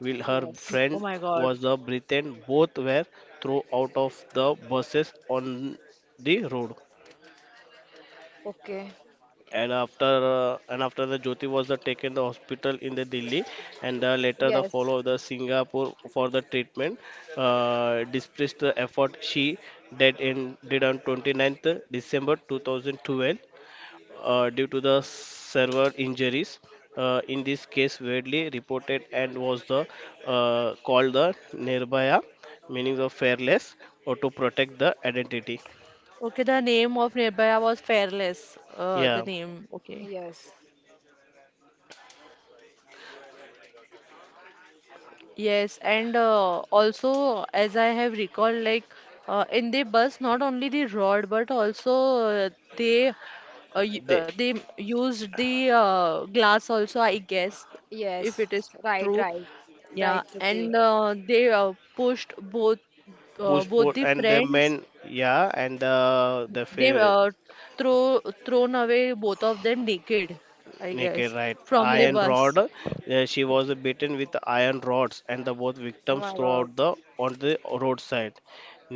S3: Will her
S2: yes.
S1: Y-
S3: friend
S1: oh my
S3: was the
S1: god.
S3: Briton. Both were thrown out of the buses on the road.
S2: Okay.
S3: And after uh, and after the Jyoti was uh, taken the hospital in the Delhi, and uh, later the
S2: Yes.
S3: follow the Singapore for the treatment. Uh, despite the effort, she died in did on 29th December two thousand twelve uh, due to the server injuries. Uh, in this case, Wadley reported and was the uh, called the Nirbhaya, meaning the fearless, or to protect the identity.
S1: Okay, the name of nearby was fearless. uh, the
S3: Yeah,
S1: name, okay.
S2: Yes.
S1: Yes, and uh, also as I have recalled, like uh, in the bus, not only the rod but also uh, they uh, y- uh,
S3: they
S1: they used the uh, glass also, I guess,
S2: Yes.
S1: if it is
S2: Right,
S1: true.
S2: right,
S1: Yeah,
S2: right, Trupti.
S1: and uh, they uh, pushed both uh,
S3: pushed
S1: both
S3: both
S1: the
S3: and the
S1: friends.
S3: men. Yeah, and the the
S1: They
S3: fa-
S1: uh, throw thrown away both of them naked, I
S3: naked
S1: guess,
S3: right
S1: from the
S2: Yes.
S3: iron rod.
S1: bus.
S3: Uh, she was beaten with iron rods, and the both
S2: Oh
S3: victims
S2: my God.
S3: throughout the on the roadside.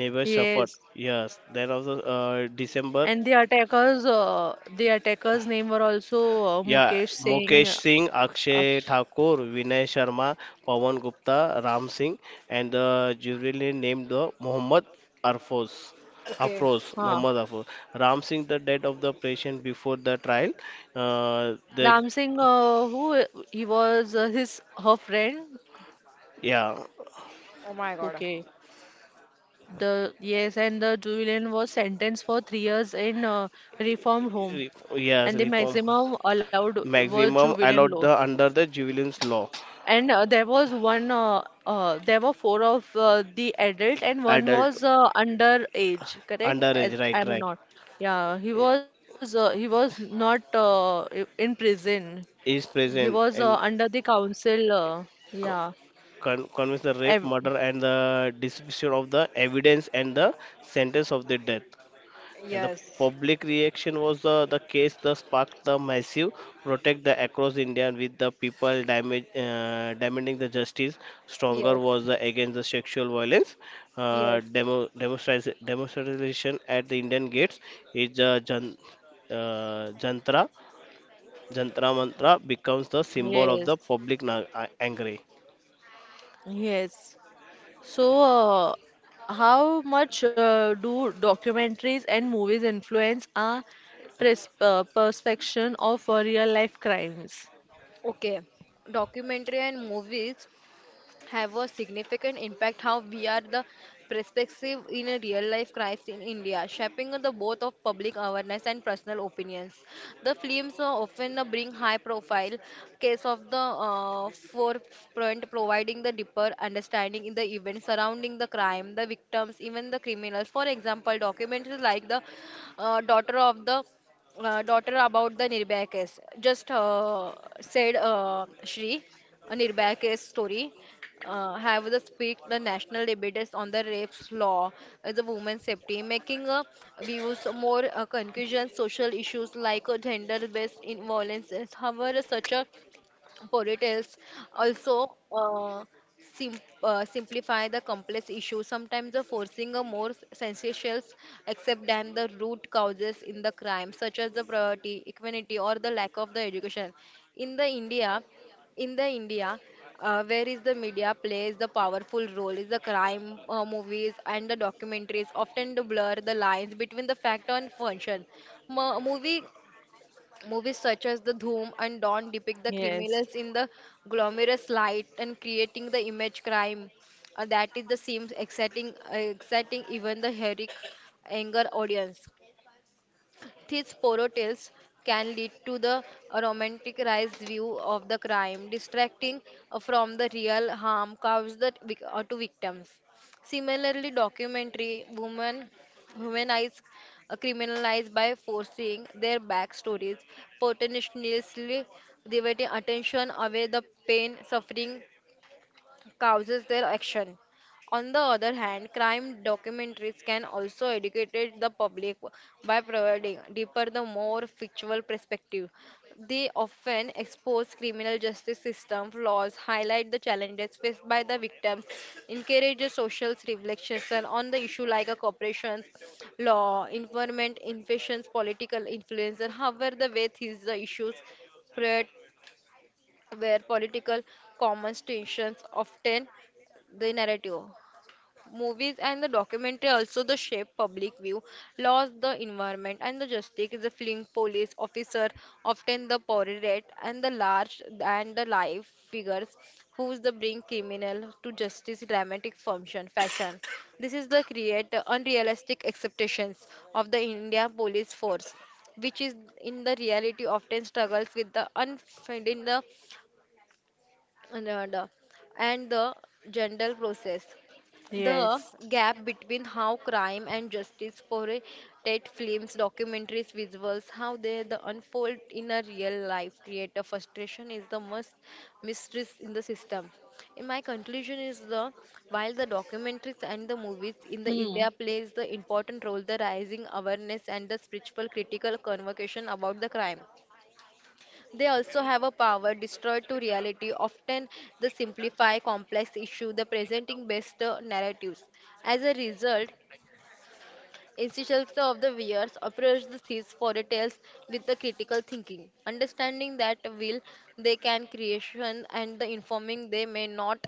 S3: Neighbor suffered.
S1: Yes.
S3: Yes, then also uh, December.
S1: And the attackers, uh, the attackers' name were also uh,
S3: Yeah,
S1: Mukesh Singh,
S3: Mukesh Singh, Akshay
S1: Aksh,
S3: Thakur, Vinay Sharma, Pawan Gupta, Ram Singh, and the jury named the Muhammad Arfoz.
S2: Okay.
S3: Afroz,
S1: huh.
S3: Muhammad Afroz. Ram Singh, the date of the patient before the trial. Uh, the
S1: Ram Singh, uh, who he was uh, his her friend.
S3: Yeah,
S2: Oh my God.
S1: Okay, the yes, and the Julian was sentenced for three years in uh, reformed
S3: re-
S1: home,
S3: yes,
S1: and the
S3: reform
S1: maximum allowed was
S3: maximum
S1: Julian
S3: allowed
S1: law.
S3: the under the juvenile law.
S1: And uh, there was one, uh, uh, there were four of uh, the adult, and one
S3: Adult
S1: was uh, under age, correct? As
S3: underage, right,
S1: I'm
S3: right,
S1: not. Yeah, he was uh, he was not uh, i- in prison.
S3: is
S1: He was uh,
S3: present
S1: under
S3: in.
S1: the council. Uh, yeah.
S3: Con- convicts the
S1: Ev
S3: rape, murder, and the destruction of the evidence and the sentence of the death. And the
S2: Yes,
S3: public reaction was the, the case that sparked the massive protest the across India with the people damage, uh, demanding the justice. Stronger was
S2: yes,
S3: the against the sexual violence. Uh,
S2: yes.
S3: demo, demonstra- demonstration at the Indian gates is uh, jan, uh, Jantra. Jantra Mantra becomes the symbol of the
S1: yes.
S3: public na- uh, angry.
S1: Yes. So, uh, how much uh, do documentaries and movies influence our pers uh, perception of uh, real life crimes?
S2: Okay. Documentary and movies have a significant impact how we are the perspective in a real life crisis in India, shaping the both of public awareness and personal opinions. The films uh, often uh, bring high profile case of the uh, forefront, providing the deeper understanding in the events surrounding the crime, the victims, even the criminals. For example, documentaries like the uh, daughter of the uh, daughter about the Nirbhaya case. Just uh, said uh, Shri, a Nirbhaya case story uh, have the speak the national debates on the rapes law as a women's safety making uh, views more uh, conclusion social issues like uh, gender based in violence, however such a ponytails also uh, sim- uh, simplify the complex issue sometimes the forcing a more sensational except than the root causes in the crime such as the poverty equality or the lack of the education in the india in the india uh, where is the media plays the powerful role is the crime uh, movies and the documentaries often do blur the lines between the fact and function. Mo- movie Movies such as The Dhoom and Dawn depict the
S1: Yes.
S2: criminals in the glamorous light and creating the image crime uh, that is the seems exciting, uh, exciting even the heroic anger audience. These poro tales can lead to the romanticized view of the crime, distracting uh, from the real harm caused the vic- uh, to victims. Similarly, documentary women humanize uh, criminalized by forcing their backstories, potentially diverting attention away the pain, suffering, causes their action. On the other hand, crime documentaries can also educate the public by providing deeper, the more factual perspective. They often expose criminal justice system flaws, highlight the challenges faced by the victims, encourage a social reflection on the issue like a corporations, law, environment, infections, political influence, and however the way these issues where political conversations often the narrative. Movies and the documentary also the shape public view, laws, the environment, and the justice. The film police officer often the portrait and the large and the live figures who's the bring criminal to justice. Dramatic function fashion. This is the create unrealistic expectations of the India police force which is in the reality often struggles with the unfinding the and uh, and the general process. The
S1: Yes.
S2: gap between how crime and justice portrayed films, documentaries, visuals, how they the unfold in a real life create a frustration is the most mistress in the system. In my conclusion is the while the documentaries and the movies in the
S1: Hmm.
S2: India plays the important role the rising awareness and the spiritual critical convocation about the crime, they also have a power destroyed to reality. Often, they simplify complex issues, the presenting best uh, narratives. As a result, institutions of the viewers approach the these fairy tales with the critical thinking, understanding that will they can creation and the informing they may not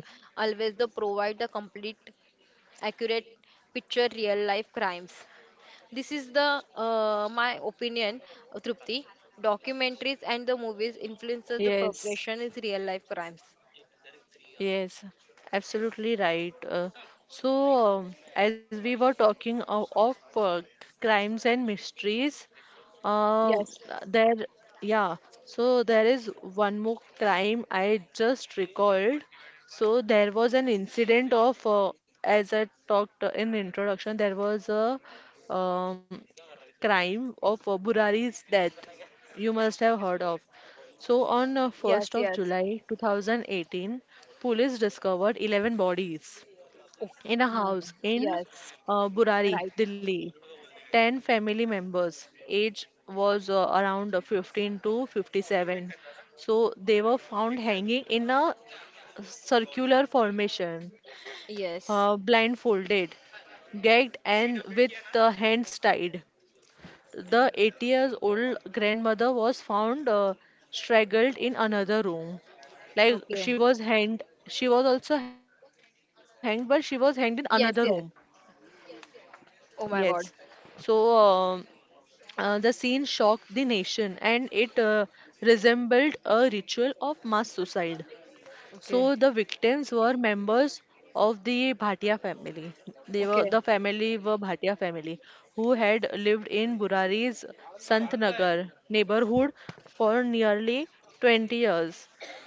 S2: always the provide the complete, accurate picture real life crimes. This is the uh, my opinion, uh, Trupti. Documentaries and the movies influences the
S1: Yes.
S2: progression is real life crimes.
S1: Yes. Absolutely right. Uh, so, um, as we were talking of, of uh, crimes and mysteries, uh,
S2: Yes,
S1: there, yeah. So there is one more crime I just recalled. So there was an incident of, uh, as I talked in introduction, there was a um, crime of uh, Burari's death. You must have heard of. So on uh, 1st
S2: yes,
S1: of
S2: yes.
S1: July two thousand eighteen, police discovered eleven bodies
S2: Oh,
S1: in a
S2: my God.
S1: house in
S2: Yes,
S1: uh, Burari,
S2: right.
S1: Delhi. ten family members. Age was uh, around fifteen to fifty-seven. So they were found hanging in a circular formation,
S2: Yes.
S1: uh, blindfolded, gagged, and with the hands tied. The eighty years old grandmother was found uh, strangled in another room. Like
S2: Okay.
S1: she was hanged, she was also hanged, but she was hanged in another room.
S2: Yes, yes.
S1: Yes.
S2: Oh my
S1: So
S2: God.
S1: um uh, the scene shocked the nation and it uh, resembled a ritual of mass suicide. So
S2: Okay.
S1: the victims were members of the Bhatia family. They were
S2: Okay.
S1: the family were Bhatia family who had lived in Burari's Santnagar neighborhood for nearly twenty years,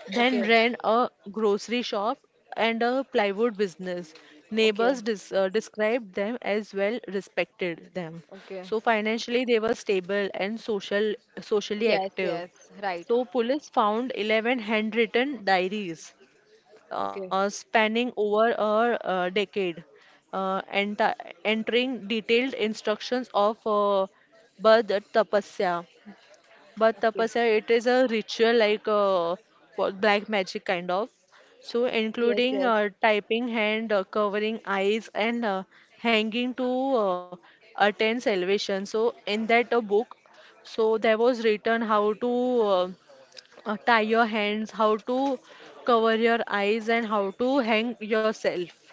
S1: then
S2: Okay.
S1: ran a grocery shop and a plywood business. Neighbors
S2: Okay.
S1: dis uh, described them as well respected them.
S2: Okay.
S1: So financially they were stable and social socially
S2: Yes,
S1: active.
S2: yes. Right.
S1: So, police found eleven handwritten diaries
S2: Okay.
S1: uh, spanning over a, uh decade, uh, enti- entering detailed instructions of uh, Bad Tapasya. Bad
S2: Okay.
S1: Tapasya, it is a ritual like uh, wa- black magic kind of. So,
S2: Yes,
S1: including
S2: yes.
S1: uh, typing hand, uh, covering eyes, and uh, hanging to uh, attain salvation. So, in that uh, book, so there was written how to uh, uh, tie your hands, how to cover your eyes, and how to hang yourself.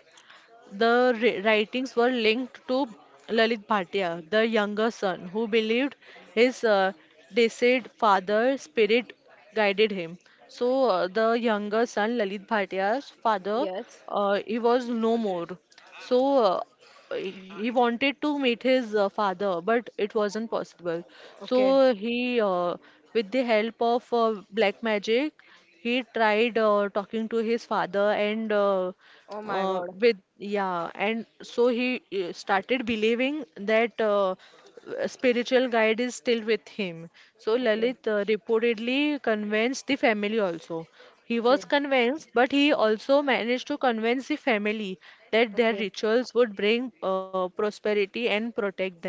S1: The ri- writings were linked to Lalit Bhatia, the younger son, who believed his uh, deceased father's spirit guided him. So, uh, the younger son, Lalit Bhatia's father,
S2: Yes.
S1: uh, he was no more. So, uh, he wanted to meet his uh, father, but it wasn't possible.
S2: Okay.
S1: So, he, uh, with the help of uh, black magic, he tried uh, talking to his father and uh,
S2: Oh my
S1: uh,
S2: God.
S1: with yeah and so he uh, started believing that uh, a spiritual guide is still with him. So
S2: Okay.
S1: Lalit uh, reportedly convinced the family also. He
S2: Okay.
S1: was convinced, but he also managed to convince the family that their
S2: Okay.
S1: rituals would bring uh, prosperity and protect them.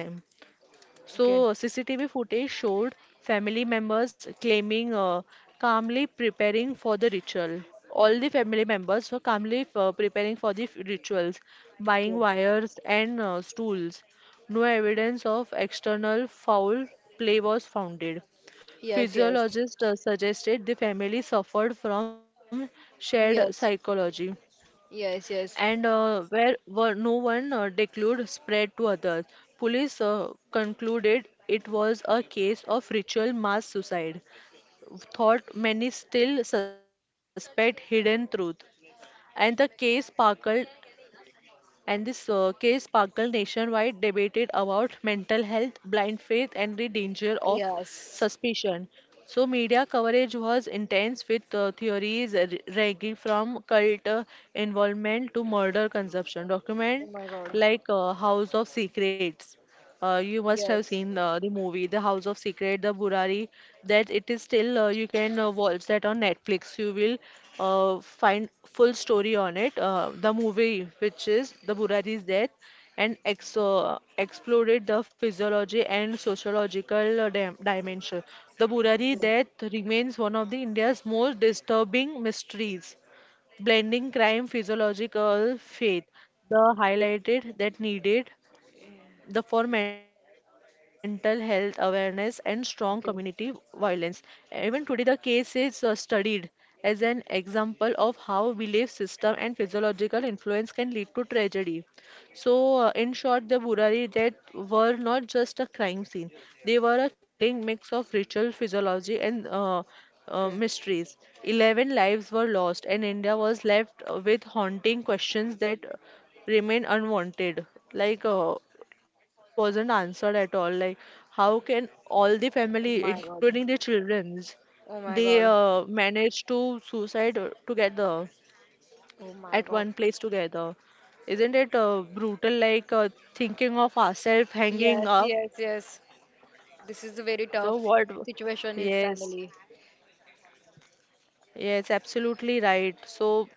S1: So,
S2: Okay,
S1: C C T V footage showed family members claiming uh, calmly preparing for the ritual. All the family members were calmly uh, preparing for the f- rituals, buying
S2: okay.
S1: wires and uh, stools. No evidence of external foul play was founded.
S2: Yes, yes,
S1: Physiologists uh, suggested the family suffered from shared
S2: yes,
S1: psychology
S2: yes,
S1: and
S2: yes,
S1: uh, where were no one uh, declared spread to others. Police uh, concluded it was a case of ritual mass suicide, thought many still suspect hidden truth. And the case sparkled and this uh, case sparkled nationwide debated about mental health, blind faith, and the danger of
S2: yes.
S1: suspicion. So, media coverage was intense with uh, theories uh, ranging from cult uh, involvement to murder consumption.
S2: Oh
S1: Document
S2: my God.
S1: like uh, House of Secrets. Uh, you must have
S2: Yes.
S1: seen uh, the movie, The House of Secret, The Burari, that it is still, uh, you can uh, watch that on Netflix. You will uh, find full story on it. Uh, the movie, which is The Burari's death, and ex uh, exploded the physiology and sociological uh, dim dimension. The Burari
S2: Okay,
S1: death remains one of the India's most disturbing mysteries, blending crime, physiological faith. The highlighted that needed the for mental health awareness and strong community
S2: okay,
S1: violence. Even today, the case is uh, studied as an example of how belief system and physiological influence can lead to tragedy. So, uh, in short, the Burari death were not just a crime scene; they were a chilling mix of ritual, physiology, and uh, uh,
S2: okay.
S1: mysteries. Eleven lives were lost, and India was left uh, with haunting questions that remain unwanted. Like, uh, it wasn't answered at all. Like, how can all the
S2: Oh my
S1: family,
S2: God.
S1: including the childrens,
S2: Oh my
S1: they
S2: God.
S1: uh, manage to suicide uh, together
S2: Oh my
S1: at
S2: God.
S1: one place together? Isn't it uh, brutal? Like uh, thinking of ourselves hanging
S2: Yes,
S1: up.
S2: yes, yes. This is a very
S1: So
S2: tough
S1: what?
S2: situation, his
S1: Yes,
S2: family.
S1: yes, absolutely right. So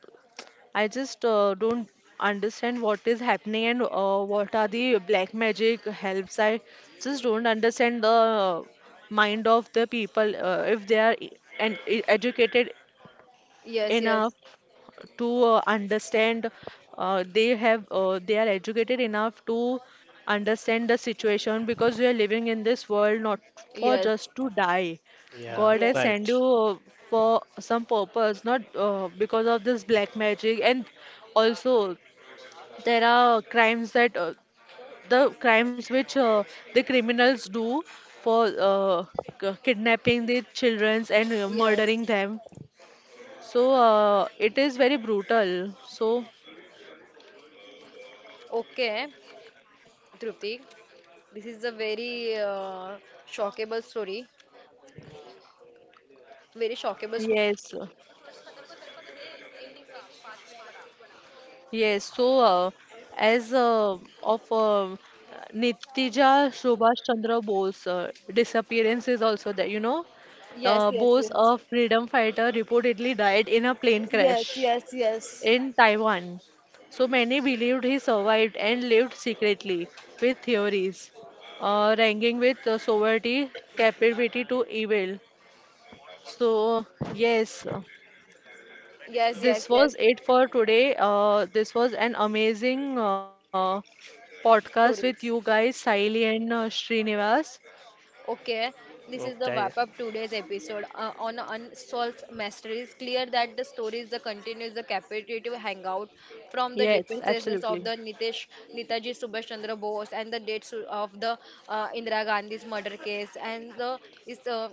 S1: I just uh, don't understand what is happening and uh, what are the black magic helps. I just don't understand the uh, mind of the people uh, if they are e- and e- educated
S2: Yes,
S1: enough
S2: yes,
S1: to uh, understand uh, they have uh, they are educated enough to understand the situation, because we are living in this world not for
S2: yes,
S1: just to die.
S3: Yeah,
S1: God has
S3: right.
S1: sent
S2: yes,
S1: you uh, for some purpose, not uh, because of this black magic. And also, there are crimes that uh, the crimes which uh, the criminals do for uh, k- kidnapping the children and uh,
S2: yes.
S1: murdering them. So uh, it is very brutal. So
S2: Okay, Trupti, this is a very uh, shockable story. Very shockable story.
S1: yes, yes. So uh, as uh, of uh, Nitija Subhash Chandra Bose uh, disappearance is also there. You know,
S2: Yes,
S1: uh,
S2: yes,
S1: Bose,
S2: yes.
S1: a freedom fighter, reportedly died in a plane
S2: Yes,
S1: crash
S2: yes, yes.
S1: in Taiwan. So many believed he survived and lived secretly with theories uh, ranking with uh, sovereignty, capability to evil. So yes.
S2: Yes, yes,
S1: This was
S2: yes.
S1: it for today. Uh, this was an amazing uh, podcast with
S2: Stories.
S1: you guys, Saili and uh, Srinivas.
S2: Okay, this is the
S3: Okay.
S2: wrap up today's episode uh, on unsolved mysteries. Clear that the stories, the continues, the capitative hangout from the
S1: Yes,
S2: depressors of the
S1: absolutely.
S2: Nitesh Netaji Subhash Chandra Bose and the dates of the uh, Indira Gandhi's murder case and the is uh,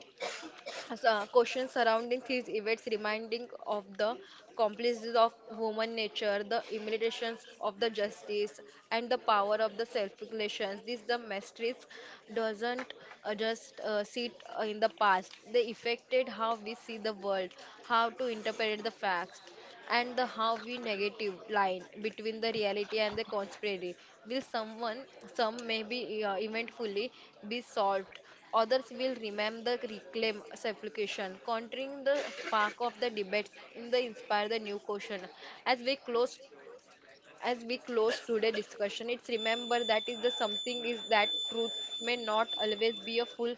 S2: so, uh, questions surrounding these events reminding of the complexities of human nature, the implications of the justice, and the power of the self-regulations. These the mysteries doesn't uh, just uh, sit uh, in the past. They affected how we see the world, how to interpret the facts, and the how we negative line between the reality and the conspiracy will someone some may be uh, eventfully be solved, others will remember the reclaim supplication countering the spark of the debates in the inspire the new question. As we close, as we close today's discussion, it's remember that is the something is that truth may not always be a full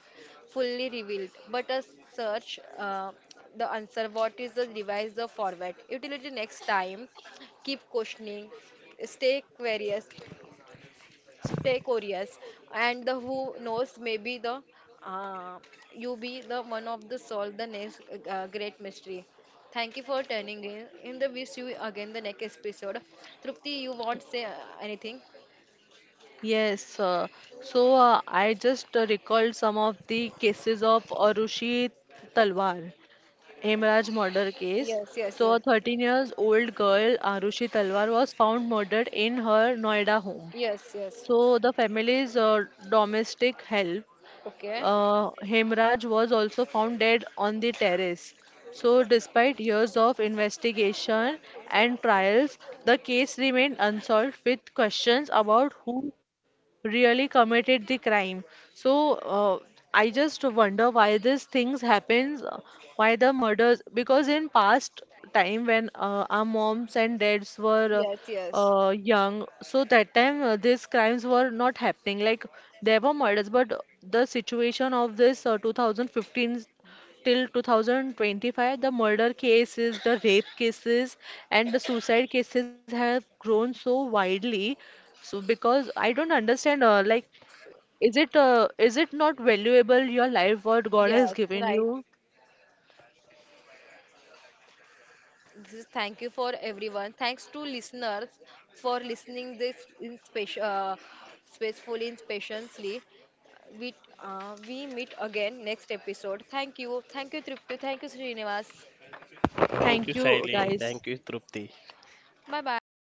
S2: fully revealed but a search uh, the answer what is the device the format utility next time. Keep questioning, stay curious, stay curious, and the who knows, maybe the uh, you be the one of the solve the next uh, great mystery. Thank you for turning in in the wish you again the next episode. Trupti, you want say uh, anything?
S1: Yes. Uh, so uh, I just uh, recalled some of the cases of Arushi Talwar. Hemraj murder case.
S2: Yes, yes,
S1: So, a
S2: yes,
S1: thirteen years old girl, Arushi Talwar, was found murdered in her Noida home.
S2: yes, yes.
S1: So, the family's uh, domestic help
S2: Okay.
S1: Uh, Hemraj was also found dead on the terrace. So, despite years of investigation and trials, the case remained unsolved with questions about who really committed the crime. So, uh, I just wonder why these things happens, uh, why the murders, because in past time when uh, our moms and dads were
S2: Yes,
S1: uh,
S2: yes,
S1: uh, young, so that time uh, these crimes were not happening. Like there were murders, but the situation of this uh, twenty fifteen till two thousand twenty-five, the murder cases, the rape cases, and the suicide cases have grown so widely. So because I don't understand, uh, like, is it uh, is it not valuable your life what God has
S2: yes.
S1: given
S2: Right.
S1: you?
S2: This is thank you for everyone, thanks to listeners for listening this in special uh, spacefully and patiently. we uh, we meet again next episode. Thank you. Thank you, Tripti. Thank you, Srinivas.
S3: Thank
S1: Thank
S3: you,
S1: you,
S3: Shaili.
S1: guys.
S3: Thank you, Trupti.
S2: Bye bye.